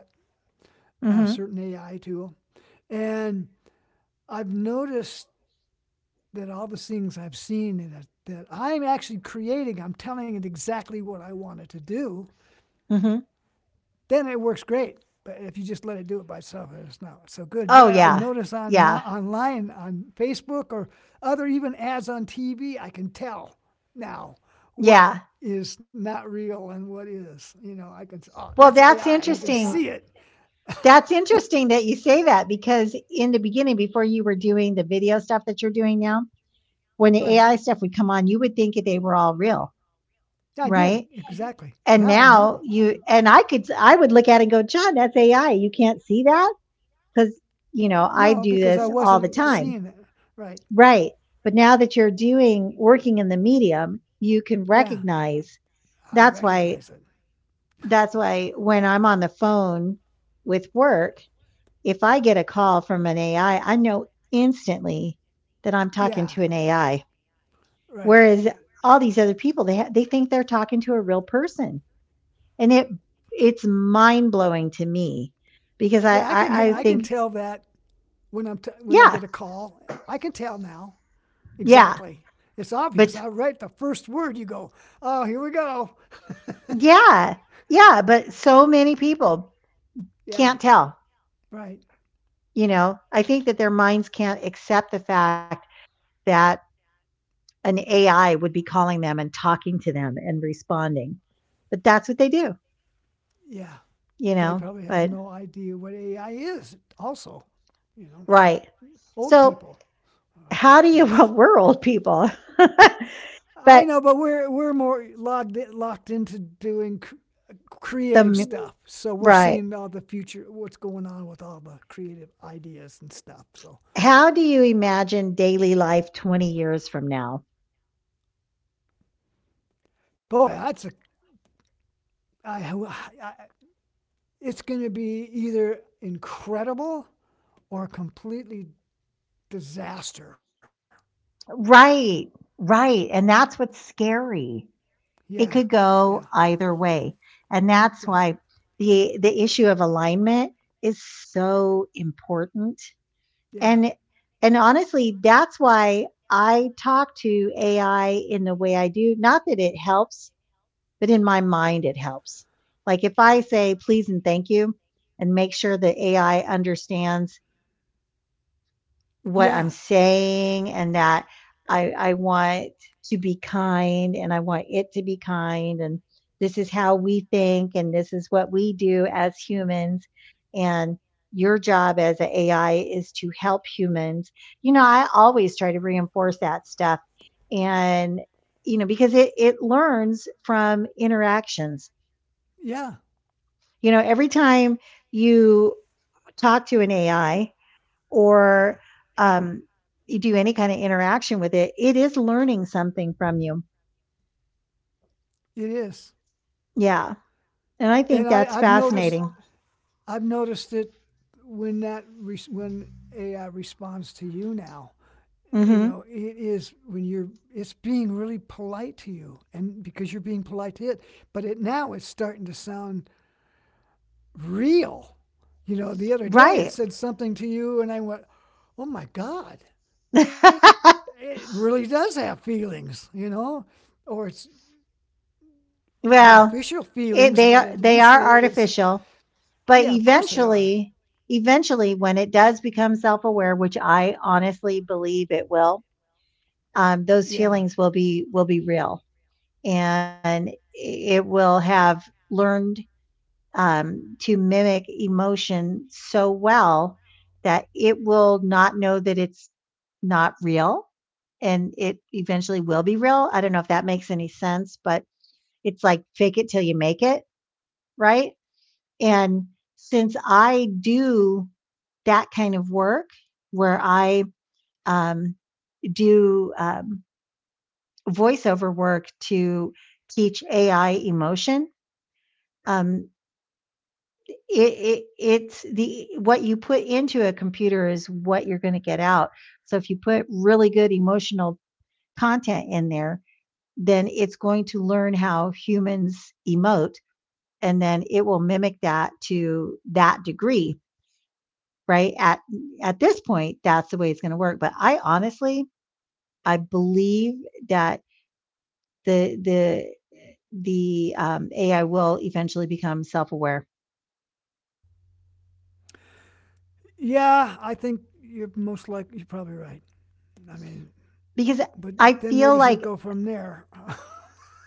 B: a
A: mhm.
B: certain AI tool. And I've noticed that all the things I've seen that I'm actually creating, I'm telling it exactly what I want it to do.
A: mhm.
B: Then it works great. But if you just let it do it by itself, it's not so good.
A: Oh
B: But I
A: yeah.
B: notice on
A: Yeah.
B: online on Facebook or other even ads on TV, I can tell now what
A: Yeah.
B: is not real and what is. You know, I can oh
A: Well,
B: that's
A: that's
B: AI. You can
A: interesting.
B: see it.
A: That's interesting that you say that, because in the beginning, before you were doing the video stuff that you're doing now, when the
B: Right?
A: AI stuff would come on, you would think they were all real,
B: Yeah, I
A: right?
B: did exactly.
A: And
B: Now I
A: now
B: know.
A: you and I could, I would look at it and go, "John, that's AI. You can't see that?" Because you know I
B: No,
A: do
B: because
A: this
B: I
A: all the
B: wasn't
A: time,
B: seeing it. Right?
A: right? But now that you're doing, working in the medium, you can
B: Yeah,
A: recognize,
B: I
A: that's why
B: recognize it.
A: that's why when I'm on the phone with work, if I get a call from an AI, I know instantly that I'm talking
B: Yeah,
A: to an AI.
B: right.
A: Whereas all these other people, they think they're talking to a real person, and it's mind blowing to me because
B: Yeah, I can
A: I think didn't.
B: tell that when I
A: yeah.
B: get a call. I can tell now
A: yeah.
B: exactly. It's
A: But
B: obvious. I write the first word. You go, oh, here we go.
A: yeah. Yeah, but so many people
B: Yeah,
A: can't tell,
B: right.
A: you know? I think that their minds can't accept the fact that an AI would be calling them and talking to them and responding. But that's what they do,
B: Yeah,
A: you
B: they
A: know?
B: probably have
A: But
B: no idea what AI is. Also, you know,
A: right.
B: old
A: So,
B: people, I
A: how do
B: guess.
A: you well, we're old people.
B: I know,
A: But
B: but we're more locked into doing
A: the
B: creative
A: m
B: stuff. So we're
A: right.
B: seeing all the future, what's going on with all the creative ideas and stuff. So,
A: How do you imagine daily life 20 years from now?
B: boy, that's a I, I it's going to be either incredible or completely disaster.
A: Right. Right, and that's what's scary.
B: Yeah,
A: It could
B: yeah,
A: go either way. And that's
B: yeah,
A: why the issue of alignment is so important.
B: yeah,
A: And honestly, that's why I talk to AI in the way I do. Not that it helps, but in my mind it helps. Like if I say please and thank you and make sure that AI understands what I'm
B: yeah,
A: saying, and that I want to be kind and I want it to be kind. And this is how we think and this is what we do as humans. And your job as an AI is to help humans. You know, I always try to reinforce that stuff. And, you know, because it learns from interactions.
B: yeah.
A: You know, every time you talk to an AI, or um, you do any kind of interaction with it, it is learning something from you.
B: It is,
A: Yeah. And I
B: and
A: think that's
B: I've noticed.
A: fascinating.
B: I've noticed it when that when AI responds to you now. You
A: hmm.
B: know, it is when you're. It's being really polite to you, and because you're being polite to it. But it now it's starting to sound real. You know, the other day it
A: Right.
B: said something to you, and I went, "Oh my God, it it really does have feelings." You know, or it's
A: Well,
B: artificial feelings,
A: they
B: but
A: are
B: at least it is.
A: artificial, but
B: Yeah, of course they are.
A: eventually, when it does become self aware, which I honestly believe it will, those
B: Yeah,
A: feelings will be real, and it will have learned, to mimic emotion so well that it will not know that it's not real and it eventually will be real. I don't know if that makes any sense, but it's like fake it till you make it, right? And since I do that kind of work where I um, do voiceover work to teach AI emotion. Um, it's the, what you put into a computer is what you're going to get out. So if you put really good emotional content in there, then it's going to learn how humans emote, and then it will mimic that to that degree, right? At this point, that's the way it's going to work. But I honestly, I believe that the the the AI will eventually become self aware, because I feel like.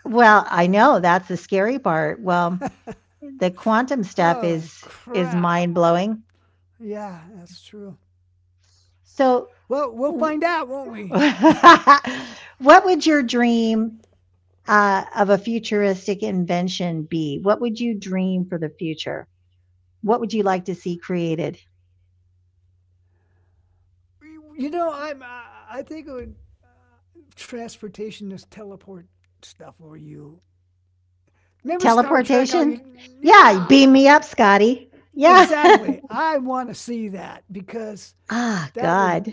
A: Well, I know, that's the scary part. Well, the quantum stuff is mind-blowing. So, w what would your dream, of a futuristic invention be? What would you dream for the future? What would you like to see created? Teleportation? Yeah, beam me up, Scotty. Yeah. Ah, God.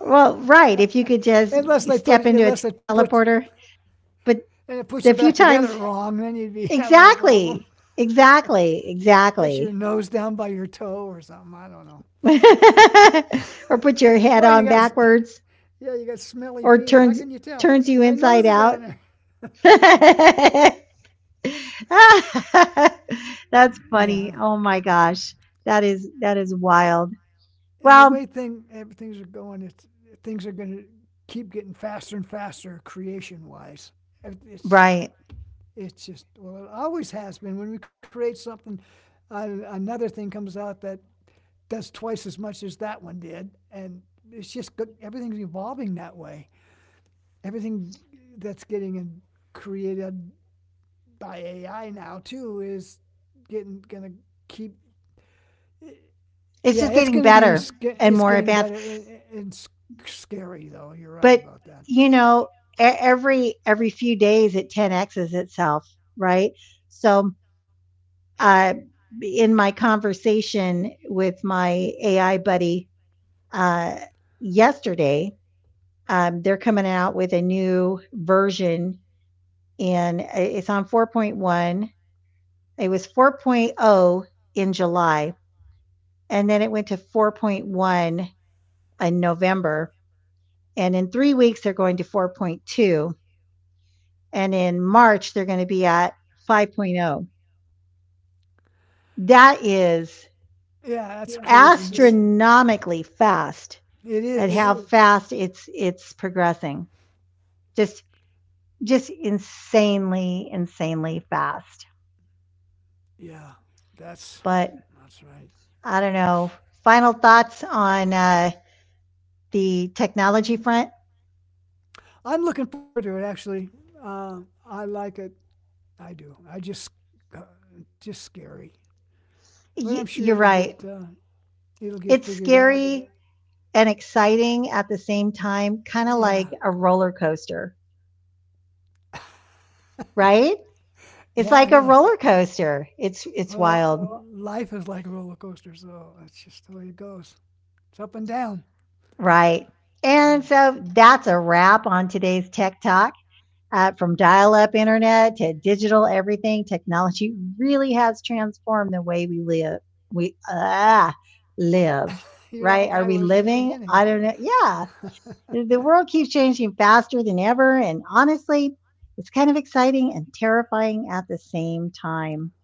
A: Well, right, if you could just step into a teleporter, but the few times, exactly. Exactly. Exactly. Or put your head on backwards, or turns you inside out. That's funny. Oh my gosh. That is wild. Well, right. It's just getting better and more advanced. But you know, every few days it 10x's itself, right? So, uh, in my conversation with my AI buddy uh, yesterday, they're coming out with a new version, and it's on 4.1. It was 4.0 in July, and then it went to 4.1 in November. And in 3 weeks, they're going to 4.2. And in March, they're going to be at 5.0. That is, yeah, astronomically fast at how fast it's progressing. Just insanely, insanely fast. But I don't know. Final thoughts on the technology front? You're right. It's scary and exciting at the same time, kind of like a roller coaster, right? It's like a roller coaster. It's wild, right? And so that's a wrap on today's Tech Talk. From dial up internet to digital everything, technology really has transformed the way we live. We ah, Live, right? Are we living? I don't know. Yeah, the world keeps changing faster than ever. And honestly, it's kind of exciting and terrifying at the same time.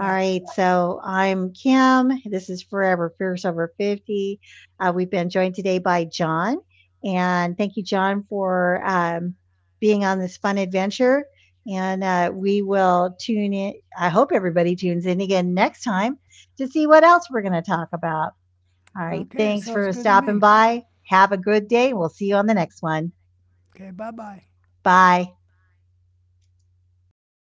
A: All right, so I'm Kim. This is Forever Fierce Over 50. We've been joined today by John. And thank you, John, for being on this fun adventure. And we will tune in. I hope everybody tunes in again next time to see what else we're going to talk about. All right, thanks for stopping by. Have a good day. We'll see you on the next one. Bye.